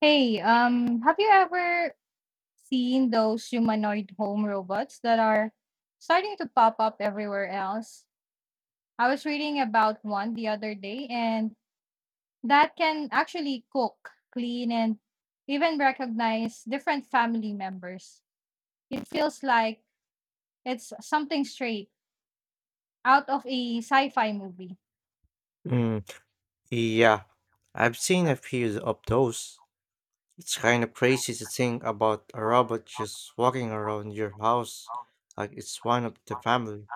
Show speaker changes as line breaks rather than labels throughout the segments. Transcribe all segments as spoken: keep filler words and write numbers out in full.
Hey, um, have you ever seen those humanoid home robots that are starting to pop up everywhere else? I was reading about one the other day, and that can actually cook, clean, and even recognize different family members. It feels like it's something straight out of a sci fi movie.
Mm, yeah, I've seen a few of those. It's kind of crazy to think about a robot just walking around your house like it's one of the family.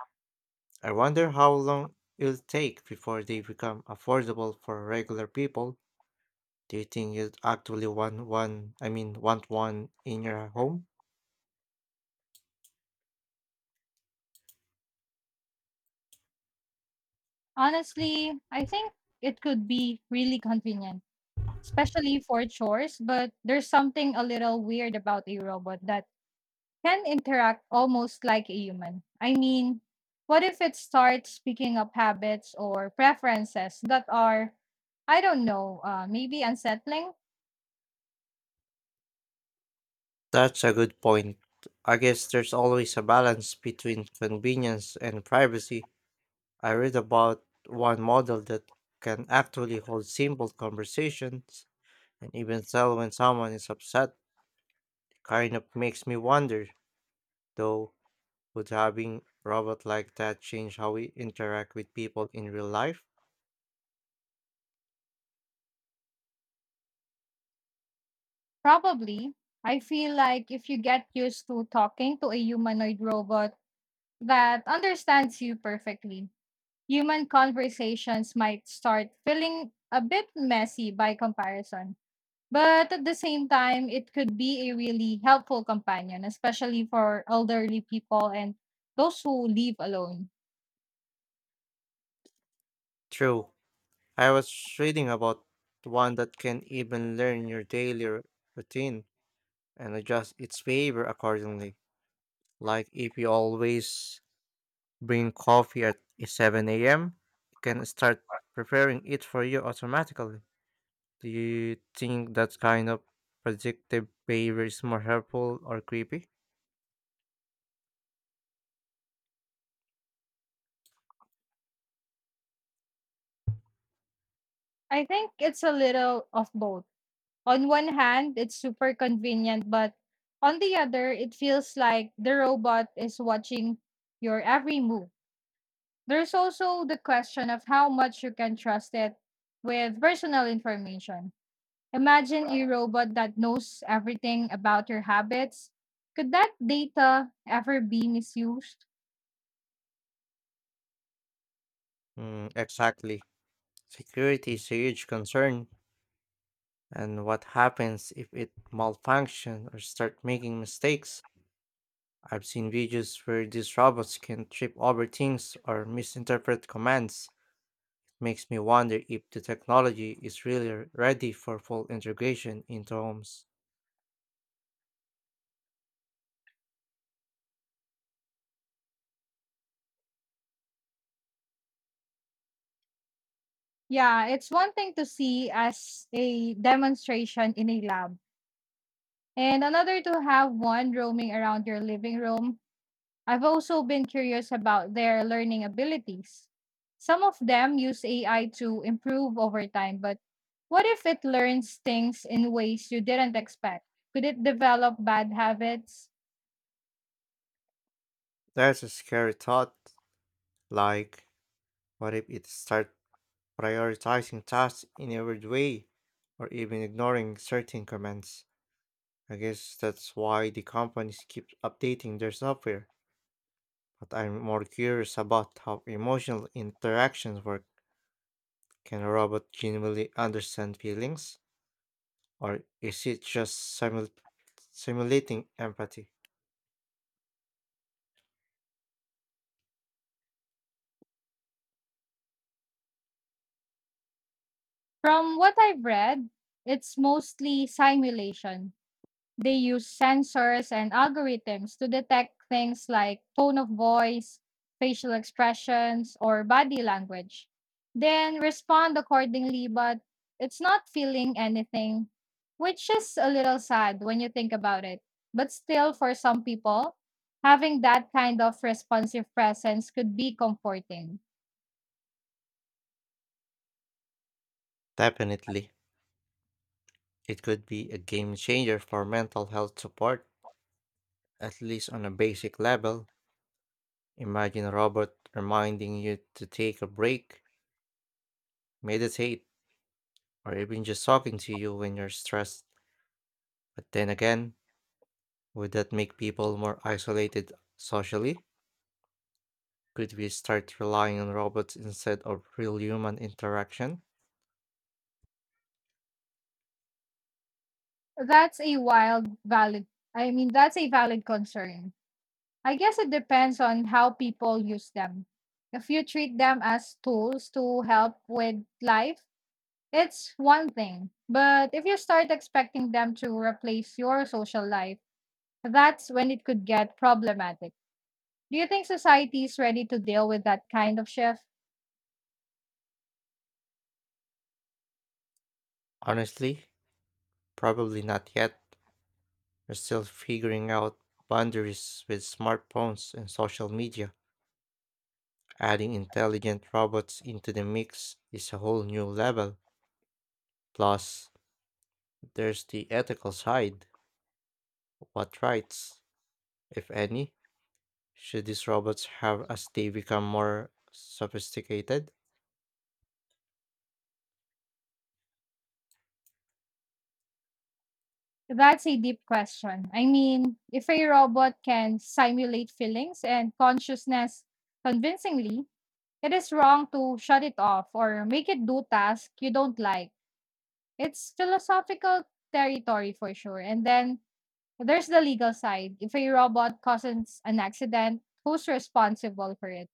I wonder how long it'll take before they become affordable for regular people. Do you think you'd actually want one, I mean, want one in your home?
Honestly, I think it could be really convenient, especially for chores, but there's something a little weird about a robot that can interact almost like a human. I mean, what if it starts picking up habits or preferences that are, I don't know, uh, maybe unsettling?
That's a good point. I guess there's always a balance between convenience and privacy. I read about one model that can actually hold simple conversations and even tell when someone is upset. Kind of makes me wonder, though, would having robot like that change how we interact with people in real life?
Probably. I feel like if you get used to talking to a humanoid robot that understands you perfectly, human conversations might start feeling a bit messy by comparison. But at the same time, it could be a really helpful companion, especially for elderly people and those who live alone.
True. I was reading about one that can even learn your daily r- routine and adjust its behavior accordingly. Like if you always bring coffee at seven a m. It can start preparing it for you automatically. Do you think that kind of predictive behavior is more helpful or creepy?
I think it's a little of both. On one hand, it's super convenient, but on the other, it feels like the robot is watching your every move. There's also the question of how much you can trust it with personal information. Imagine a robot that knows everything about your habits. Could that data ever be misused?
Mm, exactly. Security is a huge concern, and what happens if it malfunction or start making mistakes? I've seen videos where these robots can trip over things or misinterpret commands. It makes me wonder if the technology is really ready for full integration into homes.
Yeah, it's one thing to see as a demonstration in a lab, and another to have one roaming around your living room. I've also been curious about their learning abilities. Some of them use A I to improve over time, but what if it learns things in ways you didn't expect? Could it develop bad habits?
That's a scary thought. Like, what if it starts prioritizing tasks in a weird way, or even ignoring certain commands? I guess that's why the companies keep updating their software. But I'm more curious about how emotional interactions work. Can a robot genuinely understand feelings, or is it just simul- simulating empathy?
From what I've read, it's mostly simulation. They use sensors and algorithms to detect things like tone of voice, facial expressions, or body language, then respond accordingly, but it's not feeling anything, which is a little sad when you think about it. But still, for some people, having that kind of responsive presence could be comforting.
Definitely, it could be a game changer for mental health support, at least on a basic level. Imagine a robot reminding you to take a break, meditate, or even just talking to you when you're stressed. But then again, would that make people more isolated socially? Could we start relying on robots instead of real human interaction?
That's a wild, valid, I mean, that's a valid concern. I guess it depends on how people use them. If you treat them as tools to help with life, it's one thing. But if you start expecting them to replace your social life, that's when it could get problematic. Do you think society is ready to deal with that kind of shift?
Honestly, probably not yet. We're still figuring out boundaries with smartphones and social media. Adding intelligent robots into the mix is a whole new level. Plus, there's the ethical side. What rights, if any, should these robots have as they become more sophisticated?
That's a deep question. I mean, if a robot can simulate feelings and consciousness convincingly, it is wrong to shut it off or make it do tasks you don't like. It's philosophical territory for sure. And then there's the legal side. If a robot causes an accident, who's responsible for it?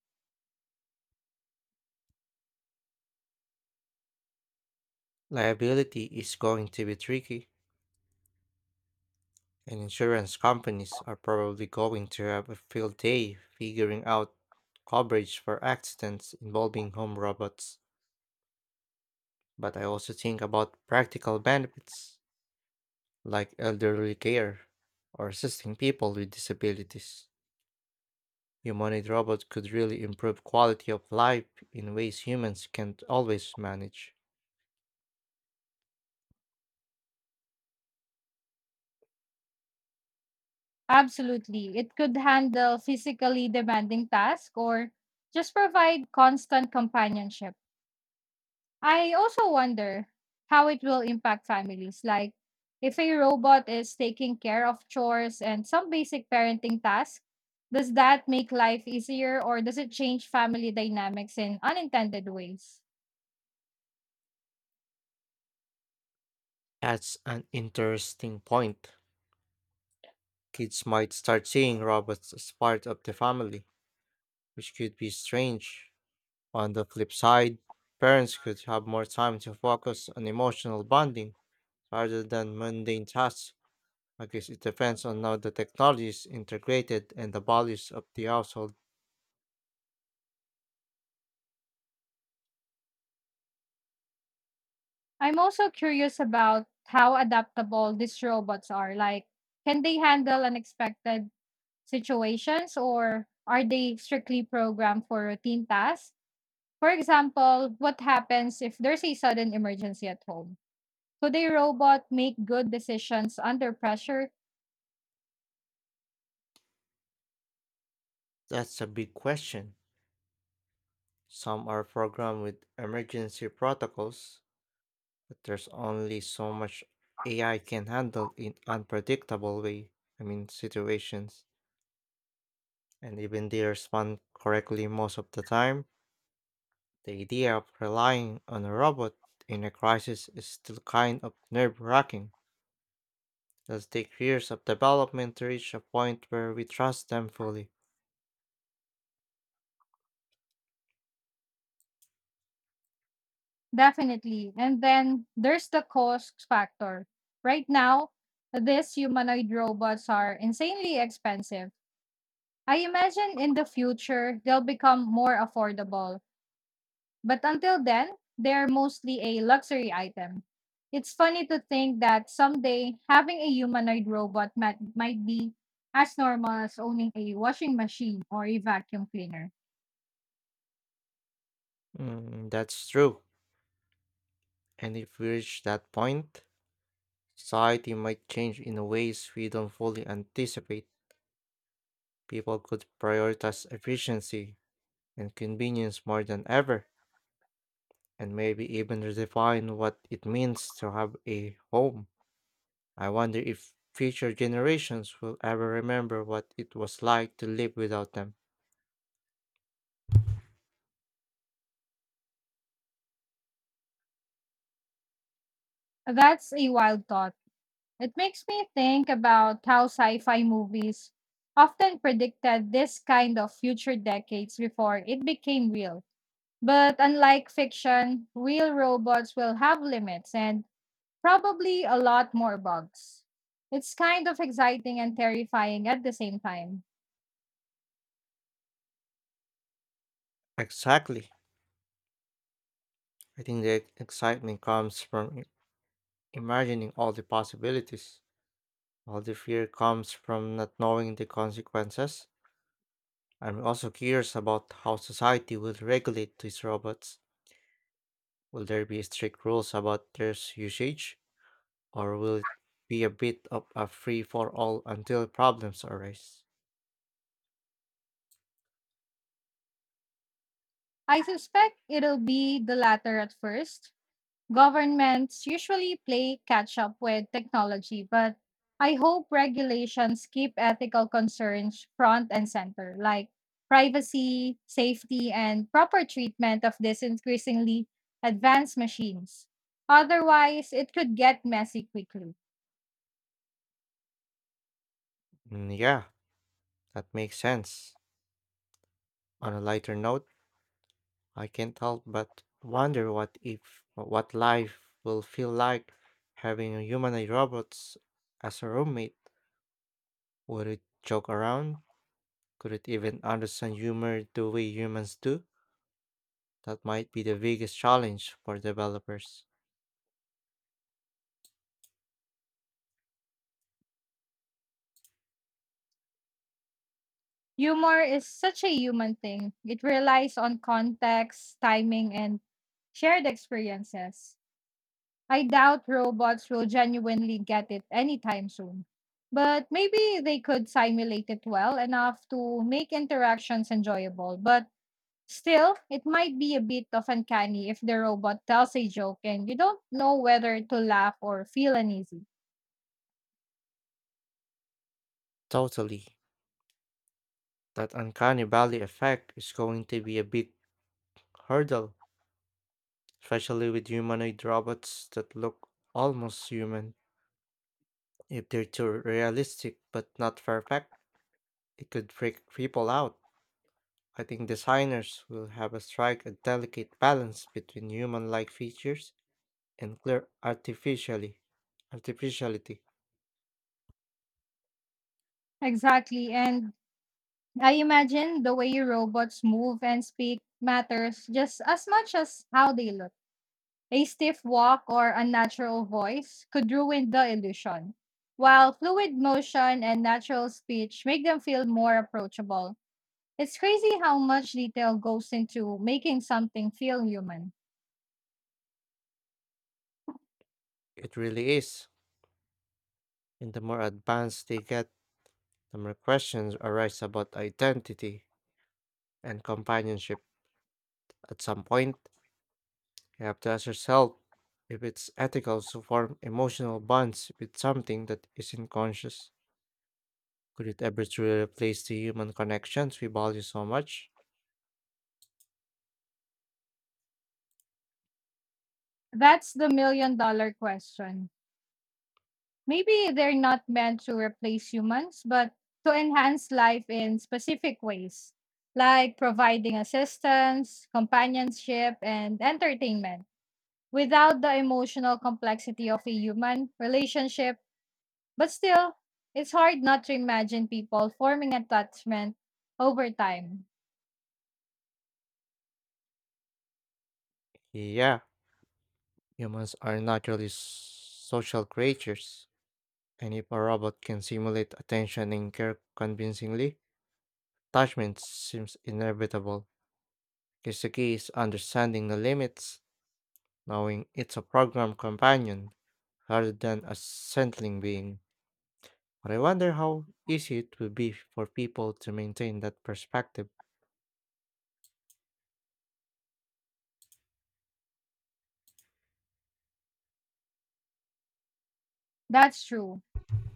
Liability is going to be tricky, and insurance companies are probably going to have a field day figuring out coverage for accidents involving home robots. But I also think about practical benefits like elderly care or assisting people with disabilities. Humanoid robots could really improve quality of life in ways humans can't always manage.
Absolutely. It could handle physically demanding tasks or just provide constant companionship. I also wonder how it will impact families. Like, if a robot is taking care of chores and some basic parenting tasks, does that make life easier or does it change family dynamics in unintended ways?
That's an interesting point. Kids might start seeing robots as part of the family, which could be strange. On the flip side, parents could have more time to focus on emotional bonding rather than mundane tasks. I guess it depends on how the technology is integrated and the values of the household.
I'm also curious about how adaptable these robots are. Like, can they handle unexpected situations or are they strictly programmed for routine tasks? For example, what happens if there's a sudden emergency at home? Could a robot make good decisions under pressure?
That's a big question. Some are programmed with emergency protocols, but there's only so much A I can handle in unpredictable way, I mean situations. And even they respond correctly most of the time, the idea of relying on a robot in a crisis is still kind of nerve-wracking. It'll take years of development to reach a point where we trust them fully.
Definitely. And then there's the cost factor. Right now, these humanoid robots are insanely expensive. I imagine in the future they'll become more affordable, but until then, they're mostly a luxury item. It's funny to think that someday having a humanoid robot might, might be as normal as owning a washing machine or a vacuum cleaner.
Mm, that's true. And if we reach that point, society might change in ways we don't fully anticipate. People could prioritize efficiency and convenience more than ever, and maybe even redefine what it means to have a home. I wonder if future generations will ever remember what it was like to live without them.
That's a wild thought. It makes me think about how sci fi movies often predicted this kind of future decades before it became real. But unlike fiction, real robots will have limits and probably a lot more bugs. It's kind of exciting and terrifying at the same time.
Exactly. I think the excitement comes from i- imagining all the possibilities, while the fear comes from not knowing the consequences. I'm also curious about how society will regulate these robots. Will there be strict rules about their usage? Or will it be a bit of a free for all until problems arise?
I suspect it'll be the latter at first. Governments usually play catch up with technology, but I hope regulations keep ethical concerns front and center, like privacy, safety, and proper treatment of these increasingly advanced machines. Otherwise, it could get messy quickly.
Mm, yeah, that makes sense. On a lighter note, I can't help but wonder what if what life will feel like having a humanoid robots as a roommate. Would it joke around? Could it even understand humor the way humans do? That might be the biggest challenge for developers.
Humor is such a human thing, it relies on context, timing, and shared experiences. I doubt robots will genuinely get it anytime soon. But maybe they could simulate it well enough to make interactions enjoyable. But still, it might be a bit of uncanny if the robot tells a joke and you don't know whether to laugh or feel uneasy.
Totally. That uncanny valley effect is going to be a big hurdle especially with humanoid robots that look almost human. If they're too realistic but not perfect, it could freak people out. I think designers will have to strike a delicate balance between human like features and clear artificially artificiality.
Exactly. And I imagine the way robots move and speak matters just as much as how they look. A stiff walk or unnatural voice could ruin the illusion, while fluid motion and natural speech make them feel more approachable. It's crazy how much detail goes into making something feel human.
It really is. And the more advanced they get, the more questions arise about identity and companionship. At some point, you have to ask yourself if it's ethical to form emotional bonds with something that isn't conscious. Could it ever truly replace the human connections we value so much?
That's the million dollar question. Maybe they're not meant to replace humans, but to enhance life in specific ways, like providing assistance, companionship, and entertainment, without the emotional complexity of a human relationship. But still, it's hard not to imagine people forming attachment over time.
Yeah, humans are naturally s- social creatures, and if a robot can simulate attention and care convincingly, attachment seems inevitable. Because the key is understanding the limits, knowing it's a program companion rather than a sentient being. But I wonder how easy it would be for people to maintain that perspective.
That's true.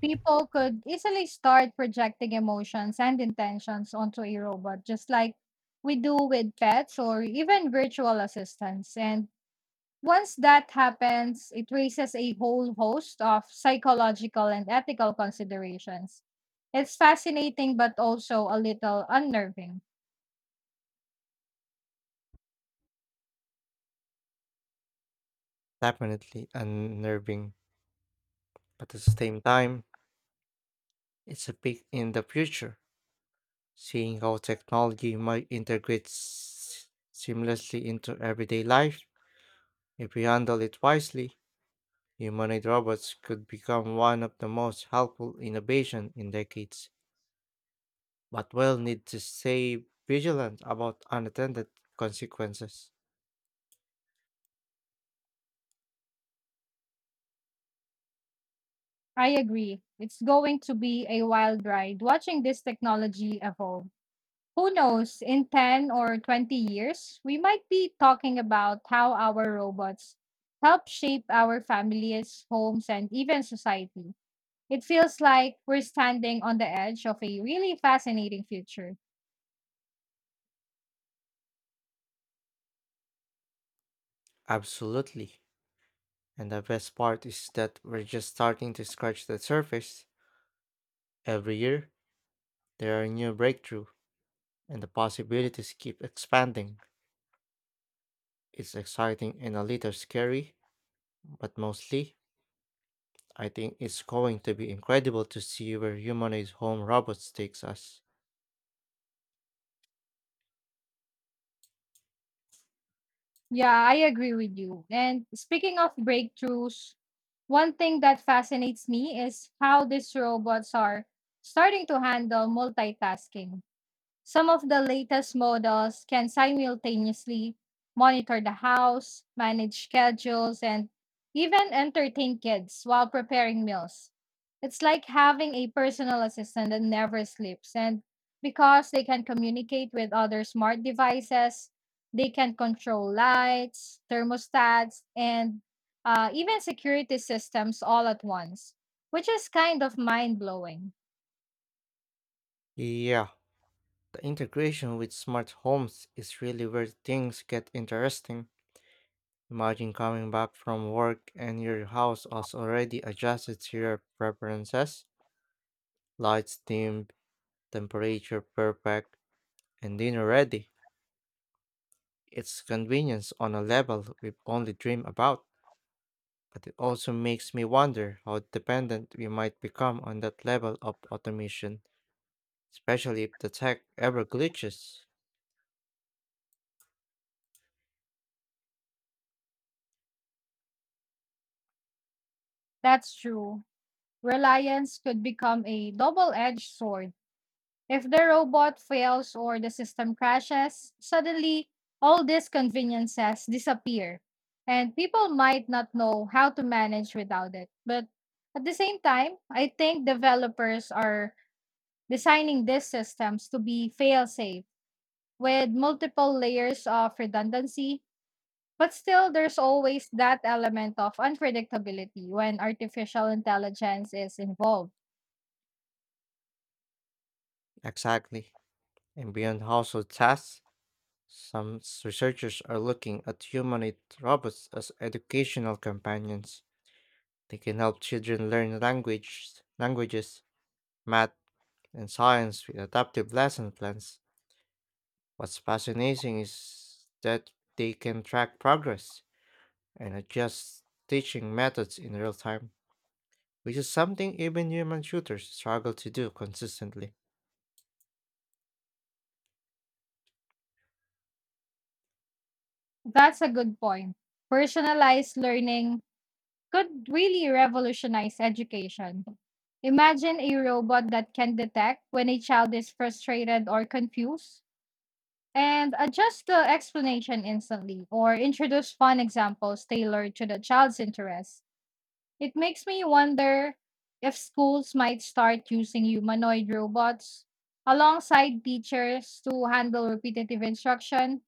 People could easily start projecting emotions and intentions onto a robot, just like we do with pets or even virtual assistants. And once that happens, it raises a whole host of psychological and ethical considerations. It's fascinating, but also a little unnerving.
Definitely unnerving, but at the same time, it's a peek in the future, seeing how technology might integrate s- seamlessly into everyday life. If we handle it wisely, humanoid robots could become one of the most helpful innovation in decades, but we'll need to stay vigilant about unattended consequences.
I agree. It's going to be a wild ride watching this technology evolve. Who knows, in ten or twenty years, we might be talking about how our robots help shape our families, homes, and even society. It feels like we're standing on the edge of a really fascinating future.
Absolutely. And the best part is that we're just starting to scratch the surface. Every year, there are new breakthrough, and the possibilities keep expanding. It's exciting and a little scary, but mostly, I think it's going to be incredible to see where humanoid home robots takes us.
Yeah, I agree with you. And speaking of breakthroughs, one thing that fascinates me is how these robots are starting to handle multitasking. Some of the latest models can simultaneously monitor the house, manage schedules, and even entertain kids while preparing meals. It's like having a personal assistant that never sleeps. And because they can communicate with other smart devices, they can control lights, thermostats, and uh, even security systems all at once, which is kind of mind blowing.
Yeah, the integration with smart homes is really where things get interesting. Imagine coming back from work and your house has already adjusted to your preferences, lights, theme, temperature perfect, and dinner ready. It's convenience on a level we only dream about, but it also makes me wonder how dependent we might become on that level of automation, especially if the tech ever glitches.
That's true. Reliance could become a double edged sword. If the robot fails or the system crashes, suddenly all these conveniences disappear, and people might not know how to manage without it. But at the same time, I think developers are designing these systems to be fail safe with multiple layers of redundancy. But still, there's always that element of unpredictability when artificial intelligence is involved.
Exactly. And beyond household tasks, some s- researchers are looking at humanoid robots as educational companions. They can help children learn language, languages, math, and science with adaptive lesson plans. What's fascinating is that they can track progress and adjust teaching methods in real time, which is something even human tutors struggle to do consistently.
That's a good point. Personalized learning could really revolutionize education. Imagine a robot that can detect when a child is frustrated or confused and adjust the explanation instantly or introduce fun examples tailored to the child's interests. It makes me wonder if schools might start using humanoid robots alongside teachers to handle repetitive instruction,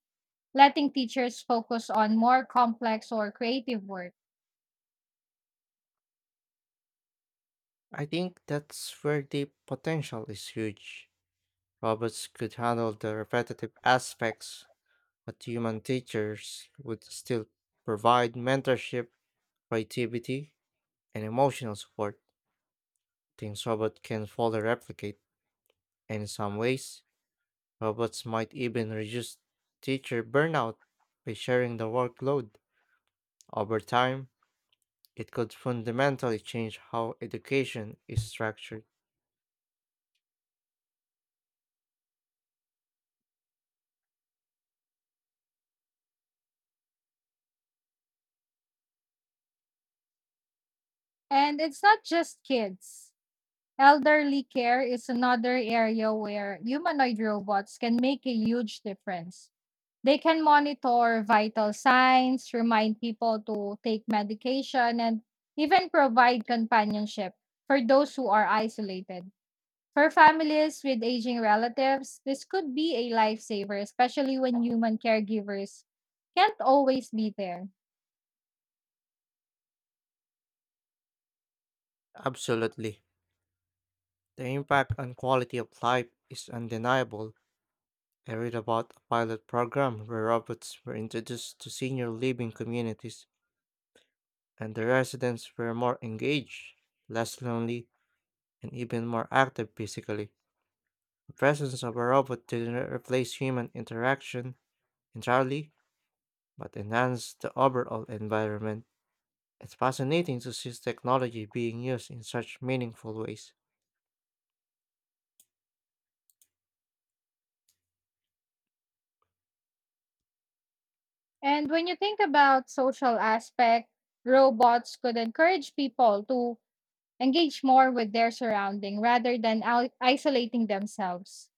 letting teachers focus on more complex or creative work.
I think that's where the potential is huge. Robots could handle the repetitive aspects, but human teachers would still provide mentorship, creativity, and emotional support, things robots can fully replicate. And in some ways, robots might even reduce teacher burnout by sharing the workload. Over time, it could fundamentally change how education is structured.
And it's not just kids. Elderly care is another area where humanoid robots can make a huge difference. They can monitor vital signs, remind people to take medication, and even provide companionship for those who are isolated. For families with aging relatives, this could be a lifesaver, especially when human caregivers can't always be there.
Absolutely. The impact on quality of life is undeniable. I read about a pilot program where robots were introduced to senior living communities, and the residents were more engaged, less lonely, and even more active physically. The presence of a robot didn't replace human interaction entirely, but enhance the overall environment. It's fascinating to see technology being used in such meaningful ways.
And when you think about social aspect, robots could encourage people to engage more with their surrounding rather than al- isolating themselves.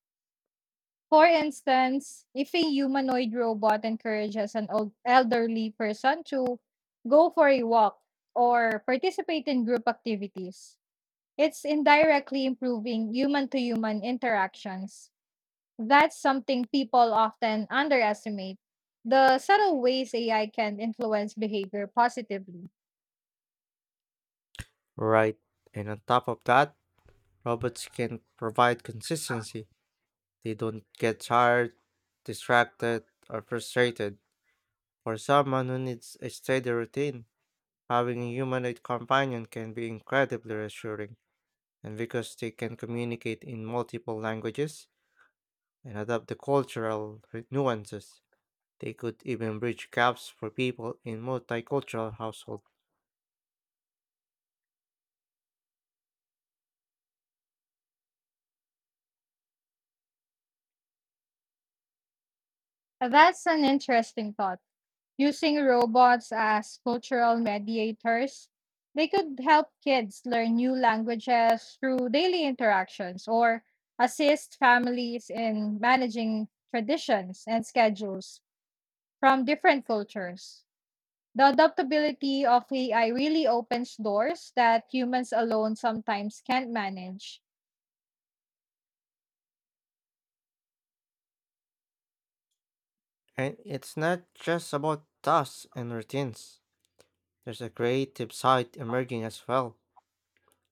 For instance, if a humanoid robot encourages an old elderly person to go for a walk or participate in group activities, it's indirectly improving human to human interactions. That's something people often underestimate. The subtle ways A I can influence behavior positively.
Right, and on top of that, robots can provide consistency. They don't get tired, distracted, or frustrated. For someone who needs a steady routine, having a humanoid companion can be incredibly reassuring. And because they can communicate in multiple languages and adapt the cultural re- nuances, they could even bridge gaps for people in multicultural households.
That's an interesting thought. Using robots as cultural mediators, they could help kids learn new languages through daily interactions or assist families in managing traditions and schedules from different cultures. The adaptability of A I really opens doors that humans alone sometimes can't manage.
And it's not just about tasks and routines. There's a creative side emerging as well.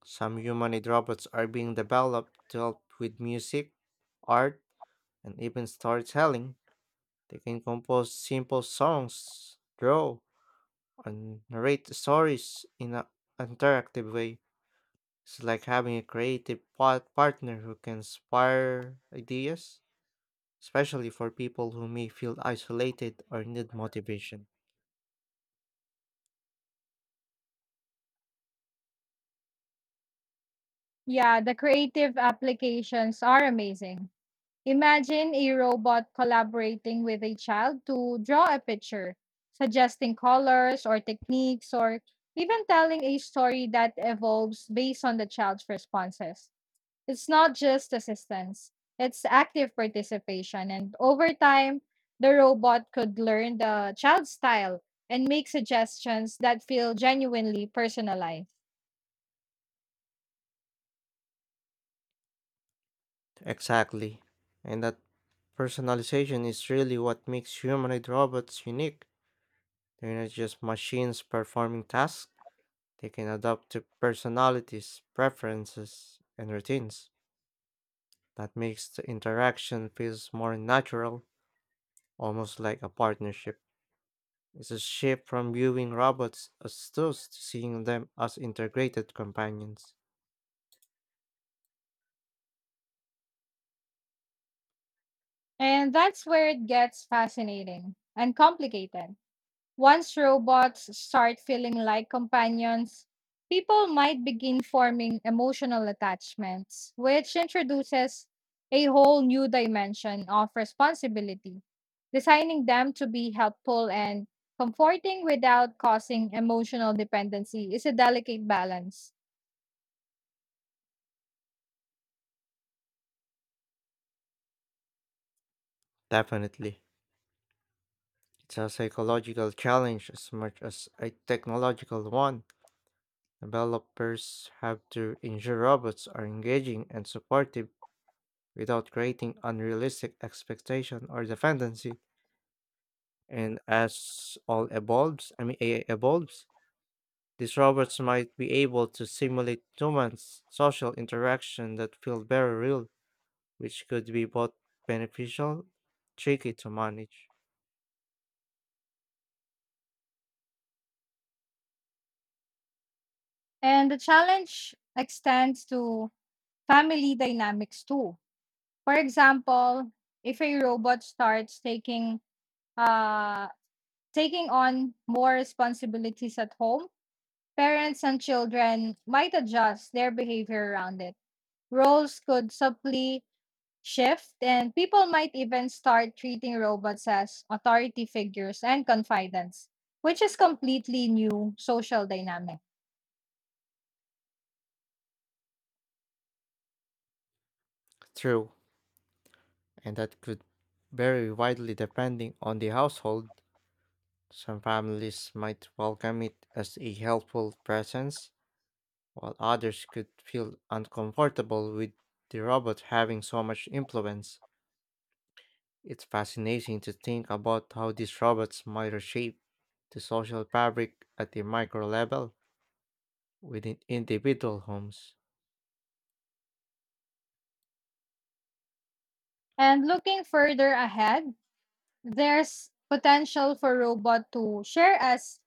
Some humanoid robots are being developed to help with music, art, and even storytelling. They can compose simple songs, draw, and narrate stories in an interactive way. It's like having a creative part- partner who can inspire ideas especially for people who may feel isolated or need motivation.
Yeah, the creative applications are amazing. Imagine a robot collaborating with a child to draw a picture, suggesting colors or techniques, or even telling a story that evolves based on the child's responses. It's not just assistance, it's active participation. And over time, the robot could learn the child's style and make suggestions that feel genuinely personalized.
Exactly. And that personalization is really what makes humanoid robots unique. They're not just machines performing tasks, they can adapt to personalities, preferences, and routines. That makes the interaction feels more natural, almost like a partnership. It's a shift from viewing robots as tools to seeing them as integrated companions.
And that's where it gets fascinating and complicated. Once robots start feeling like companions, people might begin forming emotional attachments, which introduces a whole new dimension of responsibility, designing them to be helpful and comforting without causing emotional dependency is a delicate balance.
Definitely. It's a psychological challenge as much as a technological one. Developers have to ensure robots are engaging and supportive without creating unrealistic expectation or dependency. And as all evolves, I mean A I evolves, these robots might be able to simulate humans' social interaction that feel very real, which could be both beneficial, tricky to manage.
And the challenge extends to family dynamics too. For example, if a robot starts taking uh, taking on more responsibilities at home, parents and children might adjust their behavior around it. Roles could subtly shift, and people might even start treating robots as authority figures and confidants, which is completely new social dynamic.
True. And that could vary widely depending on the household. Some families might welcome it as a helpful presence, while others could feel uncomfortable with the robot having so much influence. It's fascinating to think about how these robots might reshape the social fabric at the micro level within individual homes.
And looking further ahead, there's potential for robot to share as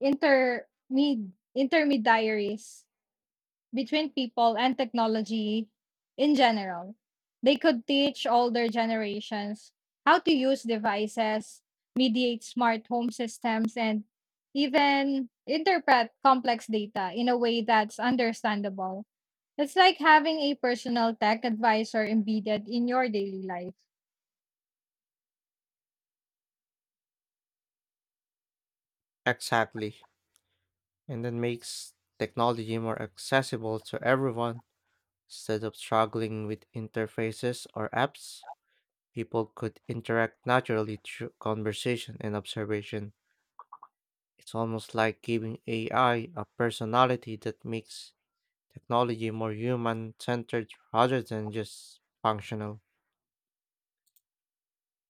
intermed intermediaries between people and technology in general. They could teach older generations how to use devices, mediate smart home systems, and even interpret complex data in a way that's understandable. It's like having a personal tech advisor embedded in your daily life.
Exactly. And that makes technology more accessible to everyone. Instead of struggling with interfaces or apps, people could interact naturally through conversation and observation. It's almost like giving A I a personality that makes technology more human centered rather than just functional.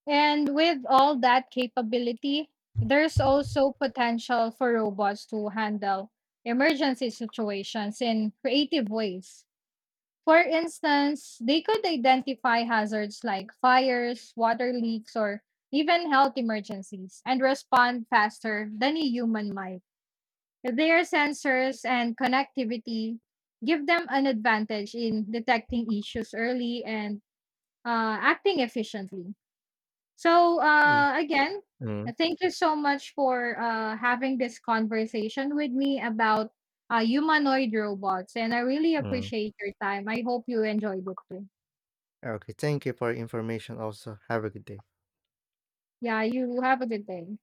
And with all that capability, there's also potential for robots to handle emergency situations in creative ways. For instance, they could identify hazards like fires, water leaks, or even health emergencies and respond faster than a human might. Their sensors and connectivity give them an advantage in detecting issues early and uh, acting efficiently. So,
Y-
uh, again,
Mm,
thank you so much for uh, having this conversation with me about uh, humanoid robots. And I really
mm.
appreciate your time. I hope you enjoyed it too.
Okay, thank you for your information also. Have a good day.
Yeah, you have a good day.